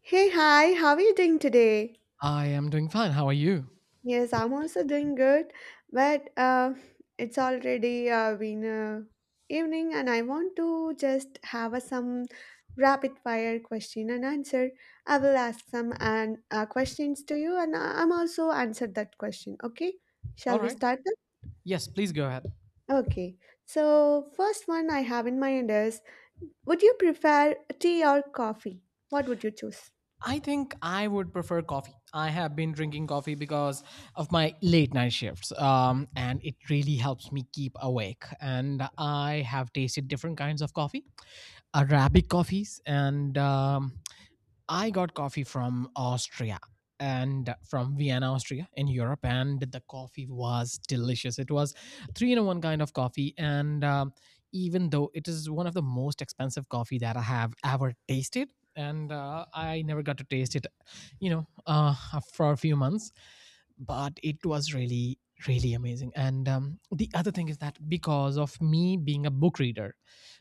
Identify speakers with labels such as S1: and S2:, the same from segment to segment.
S1: Hey, hi, how are you doing today?
S2: I am doing fine. How are you?
S1: Yes, I'm also doing good, but it's already been evening, and I want to just have some rapid fire question and answer. I will ask some and questions to you, and I'm also answer that question. Okay,
S2: All
S1: shall we
S2: right.
S1: start
S2: Yes, please go ahead.
S1: then? Okay, so first one I have in mind is: would you prefer tea or coffee? What would you choose?
S2: I think I would prefer coffee. I have been drinking coffee because of my late night shifts, and it really helps me keep awake. And I have tasted different kinds of coffee, Arabic coffees, and I got coffee from Austria and from Vienna, Austria in Europe, and the coffee was delicious. It was three in a one kind of coffee, and even though it is one of the most expensive coffee that I have ever tasted, and I never got to taste it, you know, uh, for a few months, but it was really really amazing, and the other thing is that because of me being a book reader,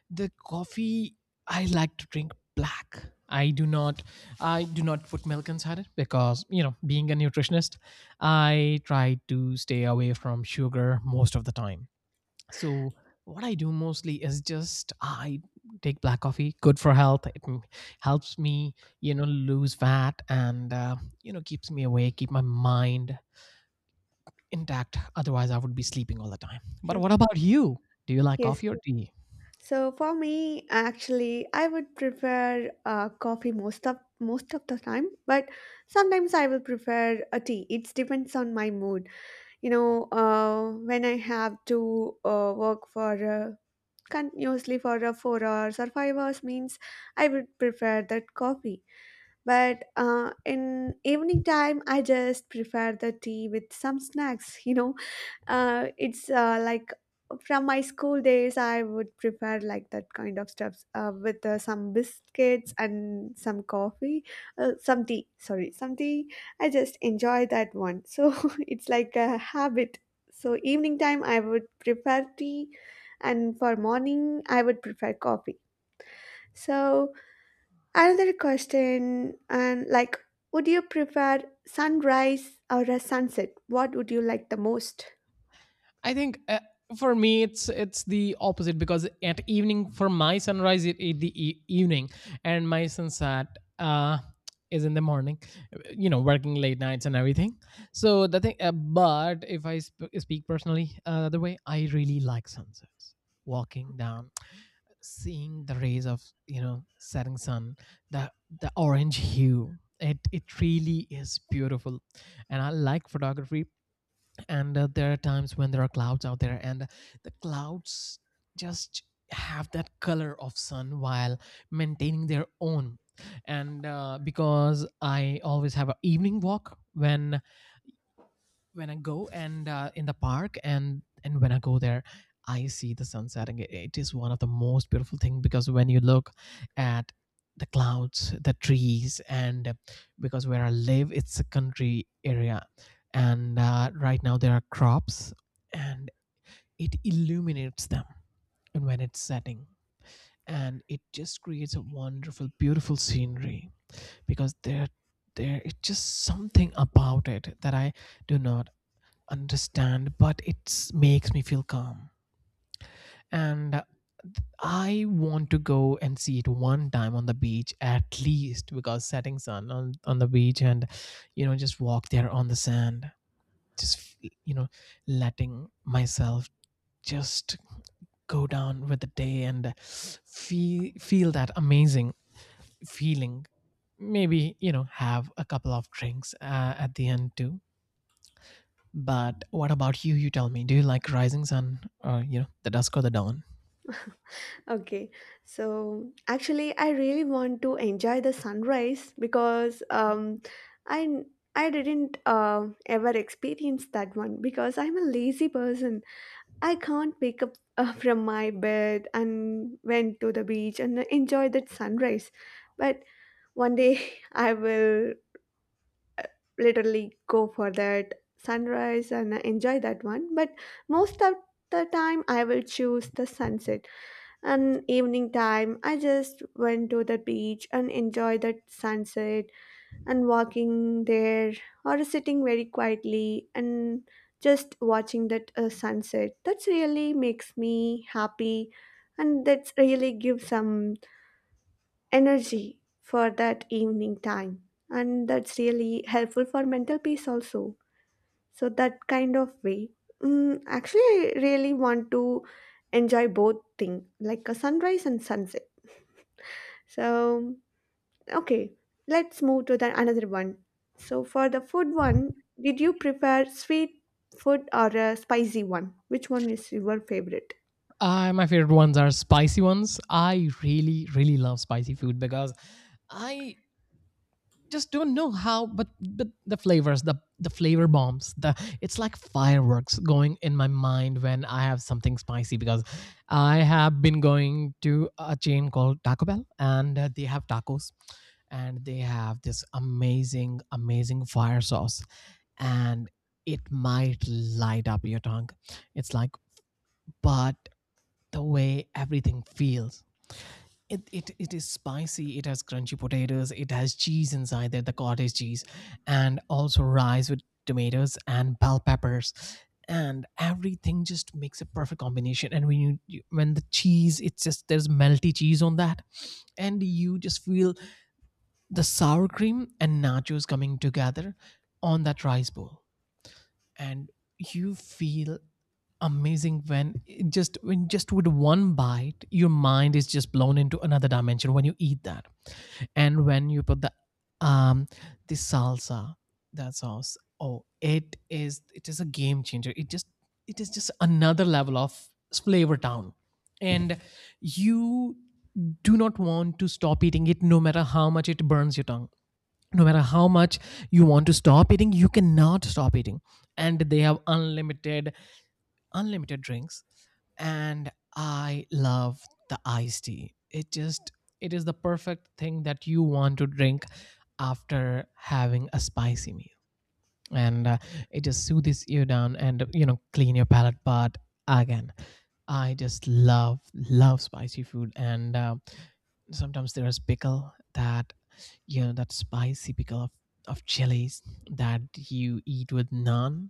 S2: the coffee I like to drink black. I do not, I do not put milk inside it because, you know, being a nutritionist, I try to stay away from sugar most of the time. So what I do mostly is just I take black coffee, good for health. It helps me, you know, lose fat, and you know, keeps me awake, keep my mind intact. Otherwise, I would be sleeping all the time. But what about you? Do you like
S1: Yes,
S2: coffee or tea?
S1: so for me, actually, I would prefer coffee most of the time, but sometimes I will prefer a tea. It depends on my mood. You know, when I have to work for continuously for 4 hours or 5 hours, means I would prefer that coffee. But in evening time, I just prefer the tea with some snacks. You know, it's like from my school days, I would prefer like that kind of stuffs with some biscuits and some coffee, some tea. Sorry, some tea. I just enjoy that one. So it's like a habit. So evening time, I would prefer tea, and for morning, I would prefer coffee. So another question, and like, would you prefer sunrise or a sunset? What would you like the most?
S2: I think for me it's the opposite because at evening for my sunrise it, evening, and my sunset uh is in the morning, you know, working late nights and everything. So the thing, but if I speak personally, the other way, I really like sunsets, walking down, seeing the rays of, you know, setting sun, the the orange hue. It really is beautiful. And I like photography, and there are times when there are clouds out there, and the clouds just have that color of sun while maintaining their own. And because I always have an evening walk when I go, and in the park, and when I go there, I see the sunset, and it is one of the most beautiful thing, because when you look at the clouds, the trees, and because where I live, it's a country area, and right now there are crops, and it illuminates them, and when it's setting, and it just creates a wonderful, beautiful scenery, because there is just something about it that I do not understand, but it makes me feel calm. And I want to go and see it one time on the beach at least, because setting sun on the beach and, you know, just walk there on the sand, just, you know, letting myself just go down with the day and feel, feel that amazing feeling. Maybe, you know, have a couple of drinks at the end too. But what about you? You tell me. Do you like rising sun, or, you know, the dusk or the dawn?
S1: Okay, so actually, I really want to enjoy the sunrise because I I didn't ever experience that one because I'm a lazy person. I can't wake up from my bed and went to the beach and enjoy that sunrise. But one day I will literally go for that sunrise and enjoy that one. But most of the time, I will choose the sunset. And evening time, I just went to the beach and enjoy that sunset, and walking there or sitting very quietly and just watching that sunset, that's really makes me happy. And that's really gives some energy for that evening time. And that's really helpful for mental peace also. So that kind of way. Mm, actually, I really want to enjoy both thing, like a sunrise and sunset. So okay, let's move to the another one. So for the food one, did you prefer sweet food or a spicy one? Which one is your favorite?
S2: My favorite ones are spicy ones. I really, really love spicy food because I just don't know how, but the flavors, the flavor bombs, the— it's like fireworks going in my mind when I have something spicy, because I have been going to a chain called Taco Bell, and they have tacos, and they have this amazing amazing fire sauce, and it might light up your tongue. It's like, but the way everything feels. It is spicy, it has crunchy potatoes, it has cheese inside there, the cottage cheese, and also rice with tomatoes and bell peppers. And everything just makes a perfect combination. And when you, when the cheese, it's just, there's melty cheese on that, and you just feel the sour cream and nachos coming together on that rice bowl, and you feel amazing when it just, when just with one bite your mind is just blown into another dimension when you eat that. And when you put um the salsa, that sauce, oh, it is a game changer. It just, it is just another level of flavor town. And you do not want to stop eating it, no matter how much it burns your tongue. No matter how much you want to stop eating, you cannot stop eating. And they have unlimited, unlimited drinks, and I love the iced tea. It just, it is the perfect thing that you want to drink after having a spicy meal. And it just soothes you down, and, you know, clean your palate. But again, I just love love spicy food, and sometimes there's pickle, that, you know, that spicy pickle of chilies that you eat with naan.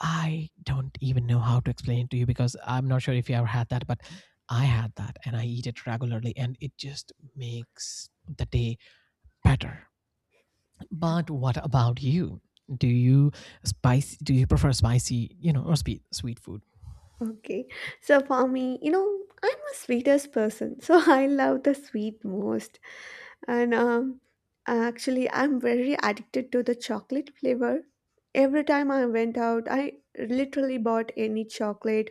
S2: I don't even know how to explain it to you, because I'm not sure if you ever had that, but I had that and I eat it regularly, and it just makes the day better. But what about you? Do you spicy? Do you prefer spicy, you know, or sweet sweet food?
S1: Okay, so for me, you know, I'm a sweetest person, so I love the sweet most. And Actually, I'm very addicted to the chocolate flavor. Every time I went out, I literally bought any chocolate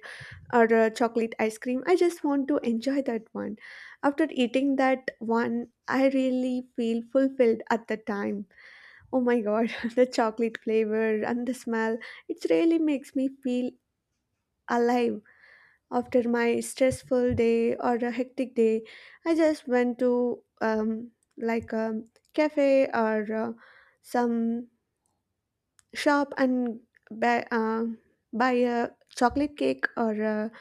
S1: or a chocolate ice cream. I just want to enjoy that one. After eating that one, I really feel fulfilled at the time. Oh my god, the chocolate flavor and the smell, it really makes me feel alive. After my stressful day or a hectic day, I just went to like a cafe or some shop and buy, uh, buy a chocolate cake or a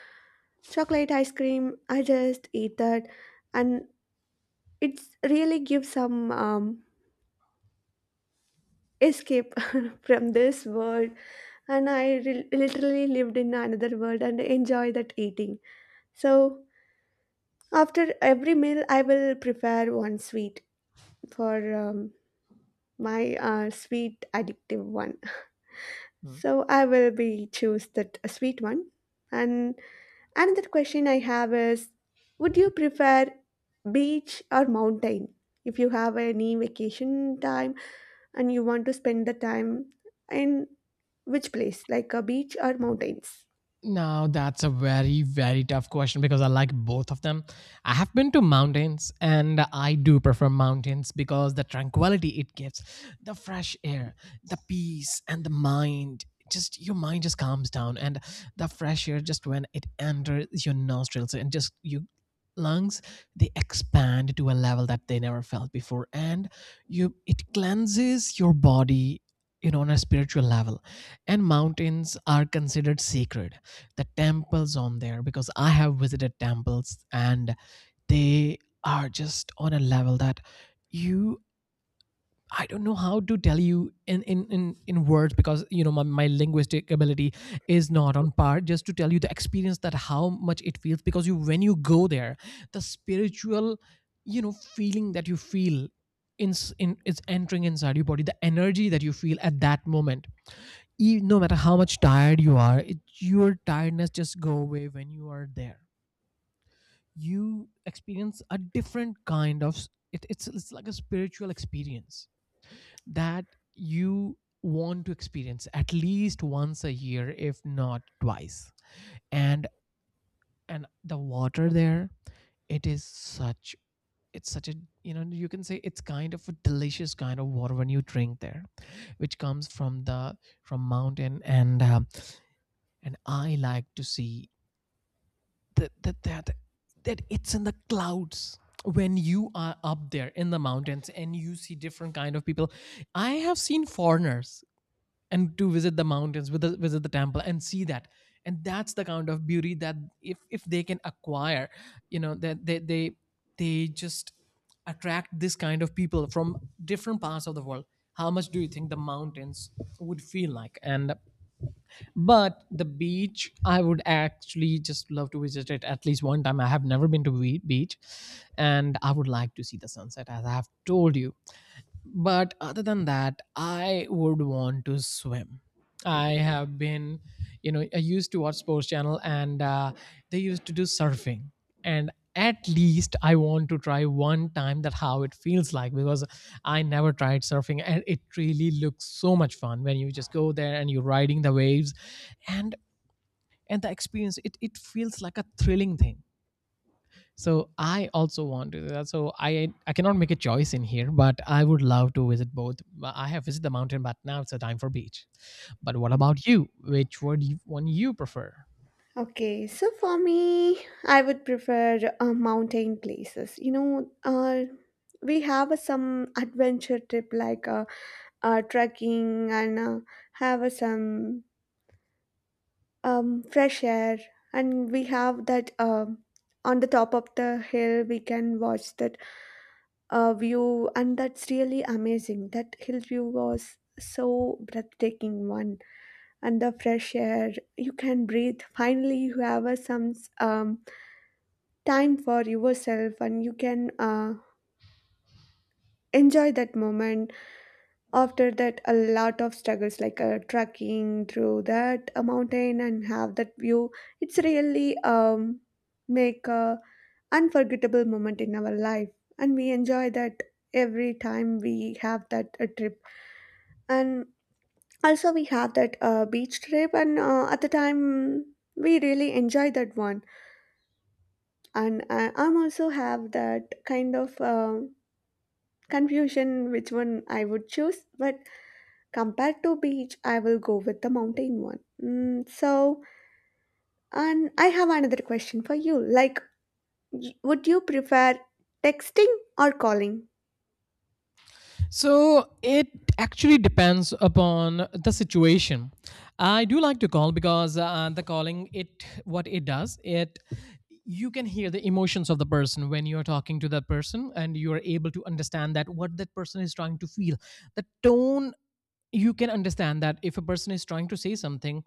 S1: chocolate ice cream. I just eat that, and it's really gives some escape from this world. And I literally lived in another world and enjoy that eating. So after every meal, I will prepare one sweet for my sweet addictive one.
S2: Hmm.
S1: So I will be choose that sweet one. And another question I have is, would you prefer beach or mountain? If you have any vacation time and you want to spend the time in which place, like a beach or mountains?
S2: Now that's a very very tough question because I like both of them. I have been to mountains and I do prefer mountains because the tranquility it gives, the fresh air, the peace, and the mind, just your mind just calms down. And the fresh air just, when it enters your nostrils, and just your lungs, they expand to a level that they never felt before. And you, it cleanses your body, you know, on a spiritual level. And mountains are considered sacred. The temples on there, because I have visited temples, and they are just on a level that you— I don't know how to tell you in, in words, because, you know, my linguistic ability is not on par just to tell you the experience, that how much it feels. Because you, when you go there, the spiritual, you know, feeling that you feel in, in is entering inside your body, the energy that you feel at that moment. No matter how much tired you are, your tiredness just go away when you are there. You experience a different kind of, it's like a spiritual experience that you want to experience at least once a year, if not twice. and and the water there, it is such, it's such a, you know, you can say it's kind of a delicious kind of water when you drink there, which comes from the, from mountain, and and I like to see that, that it's in the clouds when you are up there in the mountains. And you see different kind of people. I have seen foreigners and to visit the mountains, with visit the temple and see that. And that's the kind of beauty that, if they can acquire, you know, that they just attract this kind of people from different parts of the world. How much do you think the mountains would feel like? And but the beach, I would actually just love to visit it at least one time. I have never been to beach, and I would like to see the sunset, as I have told you. But other than that, I would want to swim. I have been, you know, I used to watch Sports Channel, and they used to do surfing. And at least I want to try one time, that how it feels like, because I never tried surfing, and it really looks so much fun when you just go there and you're riding the waves. and and the experience, it feels like a thrilling thing, so I also want to do that. So I cannot make a choice in here, but I would love to visit both. I have visited the mountain, but now it's a time for beach. But what about you? Which one do you, one you prefer?
S1: Okay, so for me, I would prefer mountain places. You know, we have some adventure trip, like trekking, and have some fresh air, and we have that on the top of the hill we can watch that view, and that's really amazing. That hill view was so breathtaking one, and the fresh air you can breathe. Finally you have a some um, time for yourself, and you can enjoy that moment. After that, a lot of struggles, like trekking through that mountain and have that view, it's really make a unforgettable moment in our life. And we enjoy that every time we have that trip. And also we have that beach trip, and at the time we really enjoy that one. And I'm also have that kind of confusion which one I would choose. But compared to beach, I will go with the mountain one. So and I have another question for you, like, would you prefer texting or calling?
S2: So it actually depends upon the situation. I do like to call because the calling it what it does it. You can hear the emotions of the person when you are talking to that person, and you are able to understand that what that person is trying to feel, the tone. You can understand that if a person is trying to say something,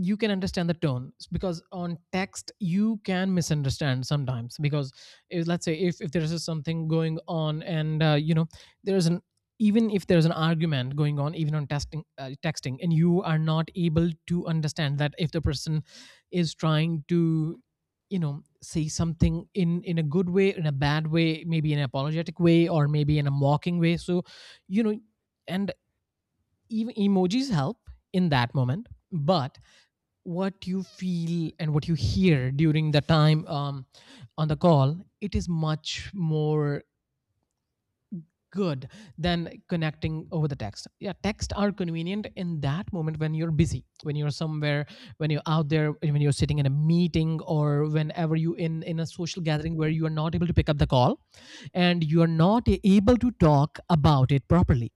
S2: you can understand the tone because on text you can misunderstand sometimes because if, let's say, if there is something going on. And there is an even if there's an argument going on, even on testing texting, and you are not able to understand that if the person is trying to, say something in a good way, in a bad way, maybe in an apologetic way, or maybe in a mocking way. So, you know and even emojis help in that moment, but what you feel and what you hear during the time on the call, it is much more good than connecting over the text. Yeah, texts are convenient in that moment when you're busy, when you're somewhere, when you're out there, when you're sitting in a meeting, or whenever you in a social gathering where you are not able to pick up the call and you are not able to talk about it properly.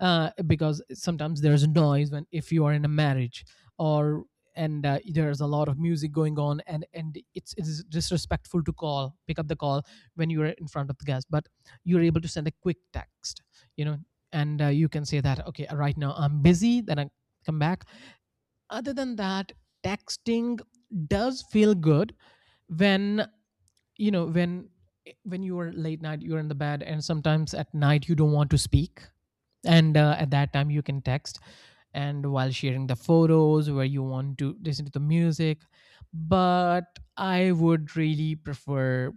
S2: Because sometimes there's noise when, if you are in a marriage, or and there's a lot of music going on, and it's, it is disrespectful to call, pick up the call when you're in front of the guest. But you're able to send a quick text, you know and you can say that, okay, right now I'm busy, then I come back. Other than that, texting does feel good when, you know when when you are late night, you're in the bed, and sometimes at night you don't want to speak, and at that time you can text, and while sharing the photos, where you want to listen to the music. But I would really prefer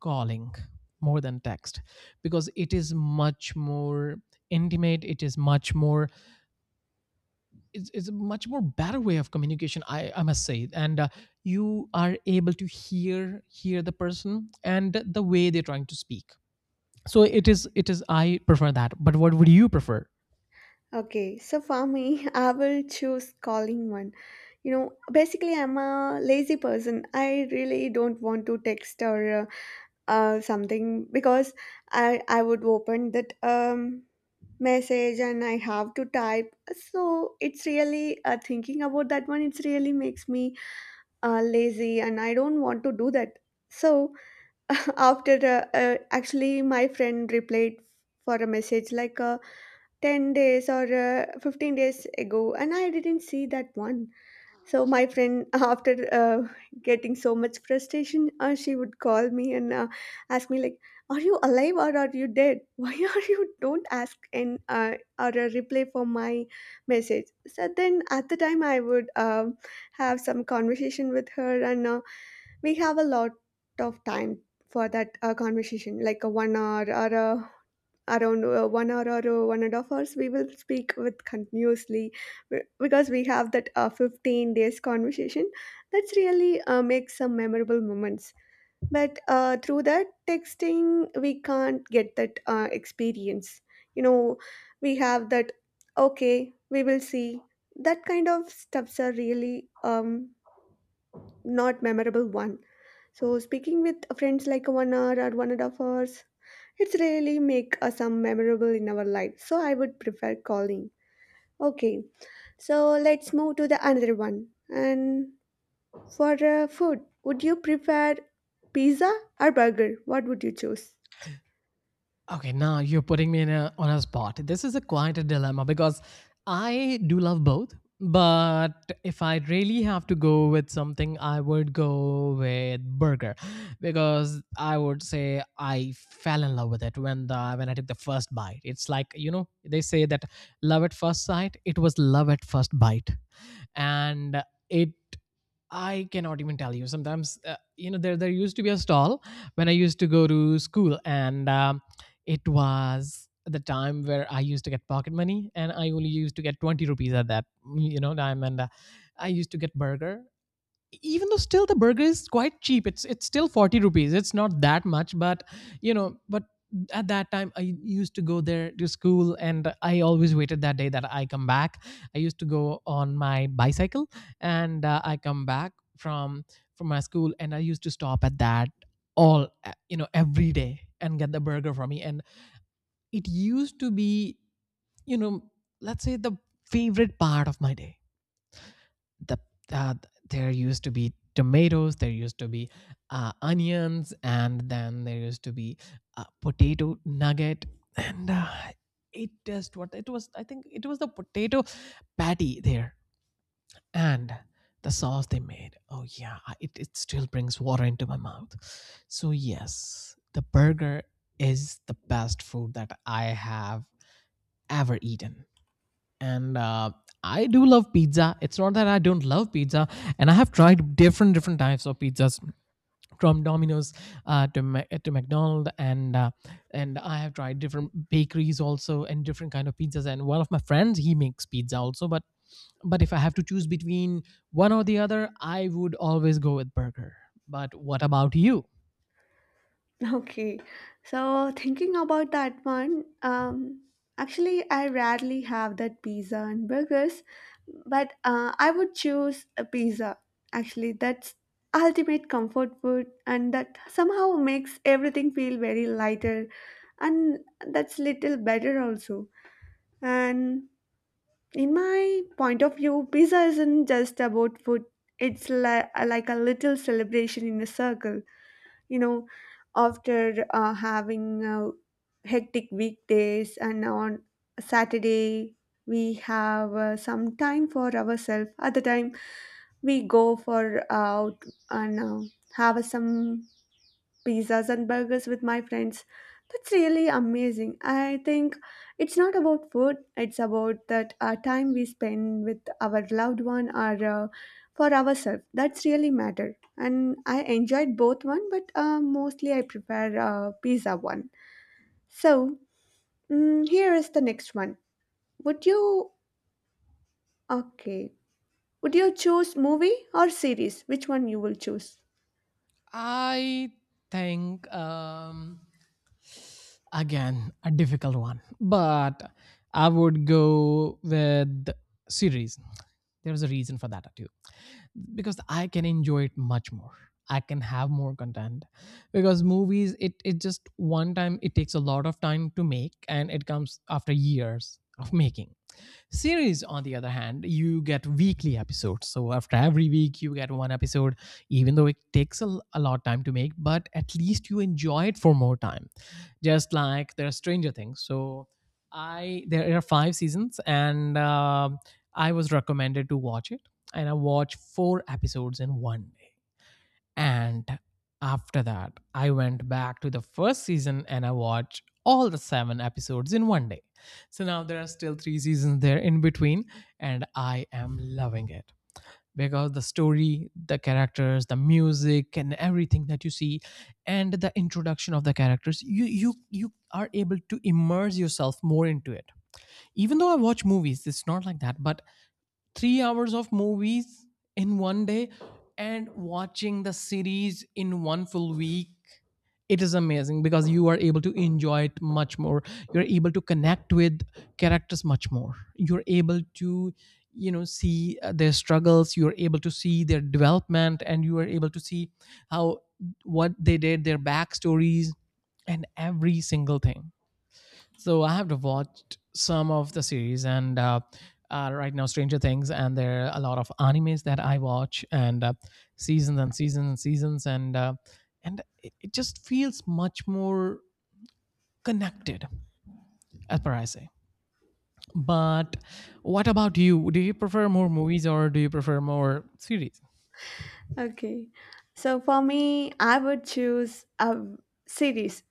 S2: calling more than text, because it is much more intimate, it is much more, it's a much more better way of communication, I must say. And you are able to hear the person and the way they're trying to speak. So it is, it is, I prefer that. But what would you prefer?
S1: Okay, so for me, I will choose calling one. You know, basically, I'm a lazy person. I really don't want to text or something because I would open that message and I have to type. So it's really thinking about that one. It's really makes me lazy, and I don't want to do that. So after actually, my friend replied for a message, like, 10 days or 15 days ago, and I didn't see that one. So my friend, after getting so much frustration, she would call me and ask me like, "Are you alive or are you dead? Why are you don't ask and or a reply for my message?" So then at the time I would have some conversation with her, and we have a lot of time for that conversation, like a 1 hour or a around 1 hour or 1.5 hours we will speak with continuously because we have that 15 days conversation. That's really makes some memorable moments. But through that texting we can't get that experience. You know, we have that, okay, we will see. That kind of stuffs are really not memorable one. So speaking with friends like 1 hour or 1.5 hours, it's really make some memorable in our life. So I would prefer calling. Okay, so let's move to the another one. And for food, would you prefer pizza or burger? What would you choose?
S2: Okay, now you're putting me in a, on a spot. This is a quite a dilemma because I do love both, but if I really have to go with something, I would go with burger, because I would say I fell in love with it when the when I took the first bite. It's like, you know, they say that love at first sight. It was love at first bite. And it, I cannot even tell you. Sometimes, there used to be a stall when I used to go to school, and it was the time where I used to get pocket money, and I only used to get 20 rupees at that, you know, time, and I used to get burger. Even though still the burger is quite cheap, it's still 40 rupees, it's not that much, but, you know. But at that time I used to go there to school, and I always waited that day that I come back. I used to go on my bicycle, and I come back from my school, and I used to stop at that all, every day, and get the burger for me. And it used to be, you know, let's say, the favorite part of my day. the uh, there used to be tomatoes, there used to be onions, and then there used to be a potato nugget. And it just, what it was, I think it was the potato patty there. And the sauce they made, oh yeah, it, it still brings water into my mouth. So yes, the burger is the best food that I have ever eaten. And I do love pizza. It's not that I don't love pizza, and I have tried different types of pizzas from Domino's, to to McDonald's, and I have tried different bakeries also, and different kind of pizzas. And one of my friends, he makes pizza also. But if I have to choose between one or the other, I would always go with burger. But what about you?
S1: Okay, so thinking about that one, actually, I rarely have that pizza and burgers, but I would choose a pizza. Actually, that's ultimate comfort food, and that somehow makes everything feel very lighter, and that's little better also. And in my point of view, pizza isn't just about food. It's like a little celebration in a circle. You know, after having hectic weekdays and on Saturday, we have some time for ourselves. Other time, we go for out and have some pizzas and burgers with my friends. That's really amazing. I think it's not about food, it's about that time we spend with our loved one or for ourselves. That's really matter. And I enjoyed both one, but mostly I prefer pizza one. So here is the next one. Would you Okay? Would you choose movie or series? Which one you will choose?
S2: I think, again, a difficult one, but I would go with series. There's a reason for that too, because I can enjoy it much more. I can have more content, because movies, it just one time, it takes a lot of time to make, and it comes after years of making. Series, on the other hand, you get weekly episodes. So after every week, you get one episode. Even though it takes a lot of time to make, but at least you enjoy it for more time. Just like there are Stranger Things. So I there are five seasons, and I was recommended to watch it, and I watched four episodes in 1 day. And after that, I went back to the first season, and I watched all the seven episodes in 1 day. So now there are still three seasons there in between, and I am loving it because the story, the characters, the music, and everything that you see, and the introduction of the characters, you are able to immerse yourself more into it. Even though I watch movies, it's not like that, but 3 hours of movies in 1 day, and watching the series in one full week, it is amazing because you are able to enjoy it much more, you're able to connect with characters much more, you're able to, you know, see their struggles, you're able to see their development, and you are able to see how, what they did, their backstories, and every single thing. So I have watched some of the series, and right now Stranger Things, and there are a lot of animes that I watch, and seasons and seasons and seasons, and it, it just feels much more connected, as per I say. But what about you? Do you prefer more movies, or do you prefer more series?
S1: Okay, so for me, I would choose a series,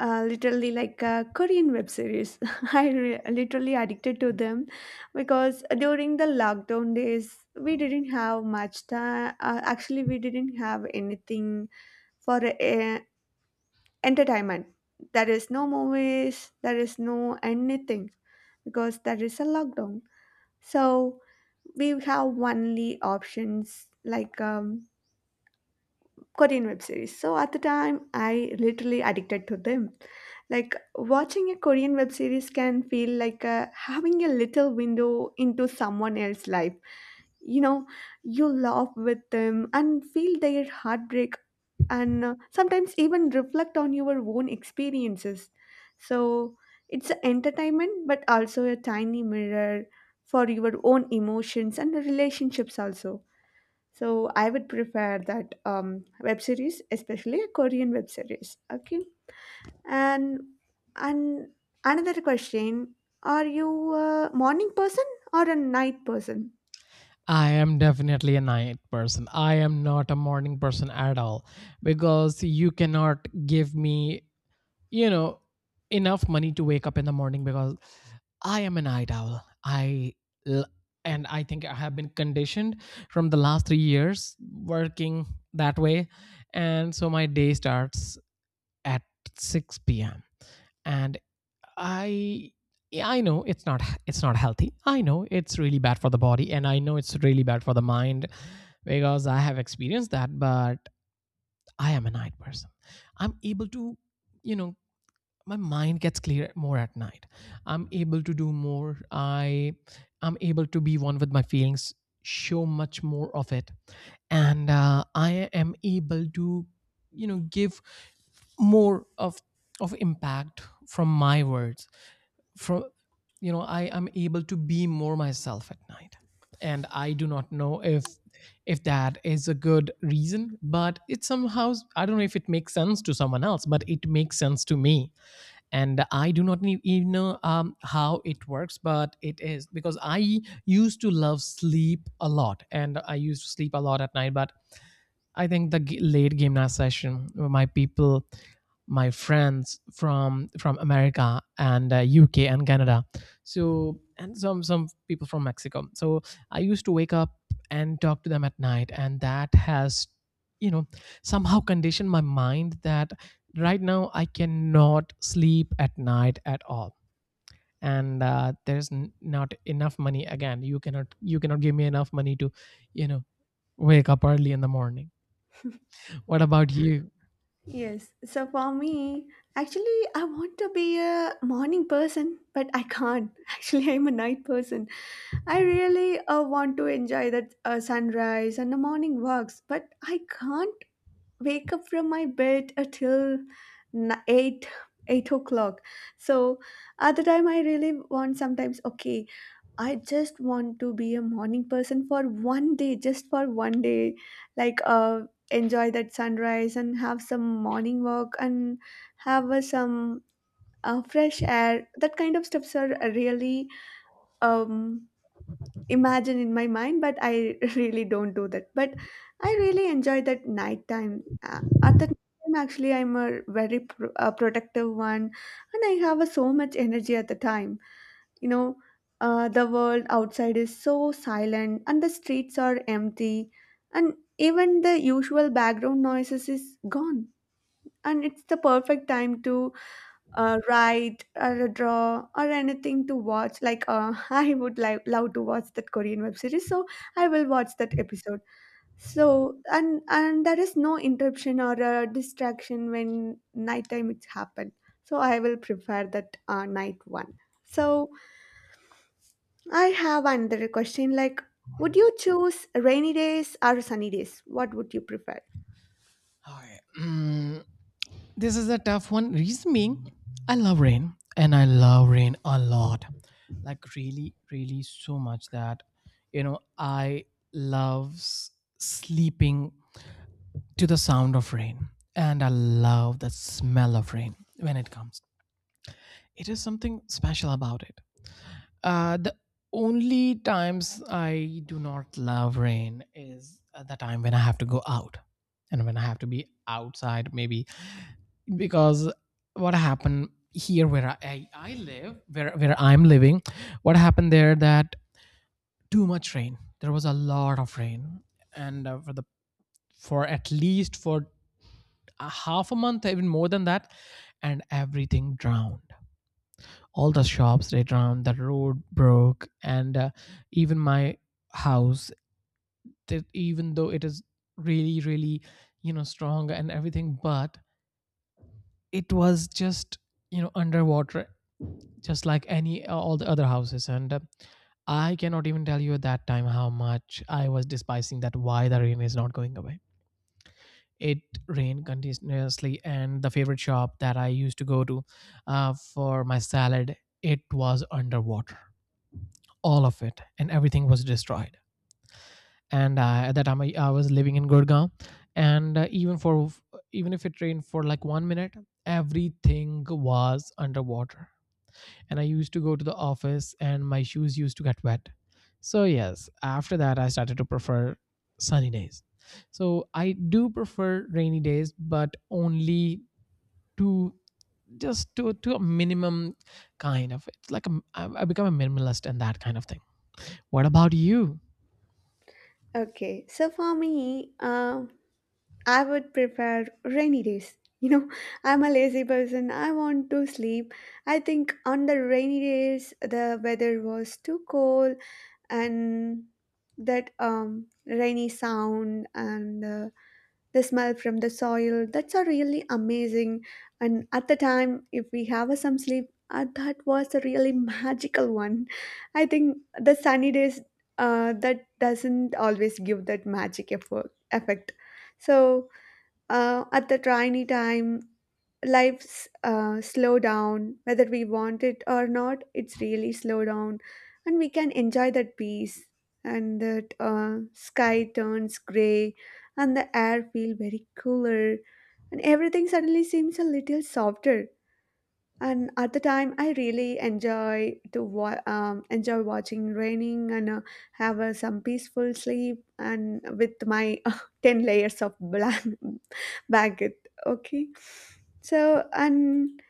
S1: literally like Korean web series. I literally addicted to them because during the lockdown days we didn't have much time. Actually, we didn't have anything for entertainment. There is no movies. There is no anything because there is a lockdown. So we have only options like Korean web series. So at the time, I literally addicted to them. Like watching a Korean web series can feel like having a little window into someone else's life. You know, you laugh with them and feel their heartbreak, and sometimes even reflect on your own experiences. So it's a entertainment, but also a tiny mirror for your own emotions and the relationships also. So I would prefer that web series, especially a Korean web series. Okay, and and another question: are you a morning person or a night person?
S2: I am definitely a night person. I am not a morning person at all, because you cannot give me, you know, enough money to wake up in the morning, because I am a night owl. L- and I think I have been conditioned from the last 3 years working that way, and so my day starts at 6 p.m. And I, yeah, I know it's not, it's not healthy, I know it's really bad for the body, and I know it's really bad for the mind, because I have experienced that. But I am a night person, I'm able to, you know, my mind gets clear more at night, I'm able to do more, I'm able to be one with my feelings, show much more of it. And I am able to, you know, give more of impact from my words, from, you know, I am able to be more myself at night. And I do not know if that is a good reason, but it somehow, I don't know if it makes sense to someone else, but it makes sense to me. And I do not even know how it works, but it is because I used to love sleep a lot, and I used to sleep a lot at night. But I think the late game night session, where my people, my friends from America, and UK and Canada, so, and some people from Mexico. So I used to wake up and talk to them at night, and that has, you know, somehow conditioned my mind that right now I cannot sleep at night at all. And not enough money again, you cannot give me enough money to, you know, wake up early in the morning. What about you?
S1: Yes. So for me, actually, I want to be a morning person, but I can't. Actually, I'm a night person. I really want to enjoy that sunrise and the morning walks, but I can't wake up from my bed until n- 8 8 o'clock. So at the time I really want, sometimes, okay, I just want to be a morning person for one day, just for one day, like enjoy that sunrise and have some morning walk, and have some fresh air. That kind of stuffs are really um imagine in my mind, but I really don't do that. But I really enjoy that nighttime, at the time, actually, I'm a very protective one, and I have so much energy at the time. You know, the world outside is so silent, and the streets are empty, and even the usual background noises is gone. And it's the perfect time to write or draw or anything to watch. Like, I would like love to watch that Korean web series, so I will watch that episode. So and there is no interruption or distraction when nighttime it's happened. So I will prefer that night one. So I have another question. Like, would you choose rainy days or sunny days? What would you prefer?
S2: Okay. This is a tough one. Reason being, I love rain, and I love rain a lot. Like, really, really so much that, you know, I love sleeping to the sound of rain, and I love the smell of rain when it comes. It is something special about it. The only times I do not love rain is at the time when I have to go out, and when I have to be outside, maybe. Because what happened here, where I live, where I'm living, what happened there, that too much rain, there was a lot of rain, and for the, for at least for a half a month, even more than that, and everything drowned, all the shops, they drowned, the road broke, and even my house, that even though it is really, really, you know, strong and everything, but it was just, you know, underwater, just like any all the other houses. And I cannot even tell you at that time how much I was despising that, why the rain is not going away. It rained continuously, and the favorite shop that I used to go to, for my salad, it was underwater, all of it, and everything was destroyed. And at that time I was living in gurgaon, and even for, even if it rained for like 1 minute, everything was underwater, and I used to go to the office, and my shoes used to get wet. So, yes, after that, I started to prefer sunny days. So, I do prefer rainy days, but only to, just to a minimum kind of, it's like a, I become a minimalist, and that kind of thing. What about you?
S1: Okay, so for me, I would prefer rainy days. You know, I'm a lazy person. I want to sleep. I think on the rainy days the weather was too cold, and that rainy sound, and the smell from the soil, that's a really amazing. And at the time, if we have a some sleep, that was a really magical one. I think the sunny days that doesn't always give that magic effect. So at the tiny time, life's slow down, whether we want it or not, it's really slow down. And we can enjoy that peace, and that sky turns gray, and the air feel very cooler, and everything suddenly seems a little softer. And at the time I really enjoy watching raining, and have some peaceful sleep, and with my 10 layers of black baguette. Okay. So and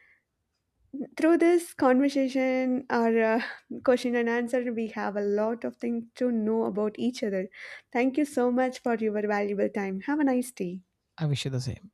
S1: through this conversation, or question and answer, we have a lot of things to know about each other. Thank you so much for your valuable time. Have a nice day.
S2: I wish you the same.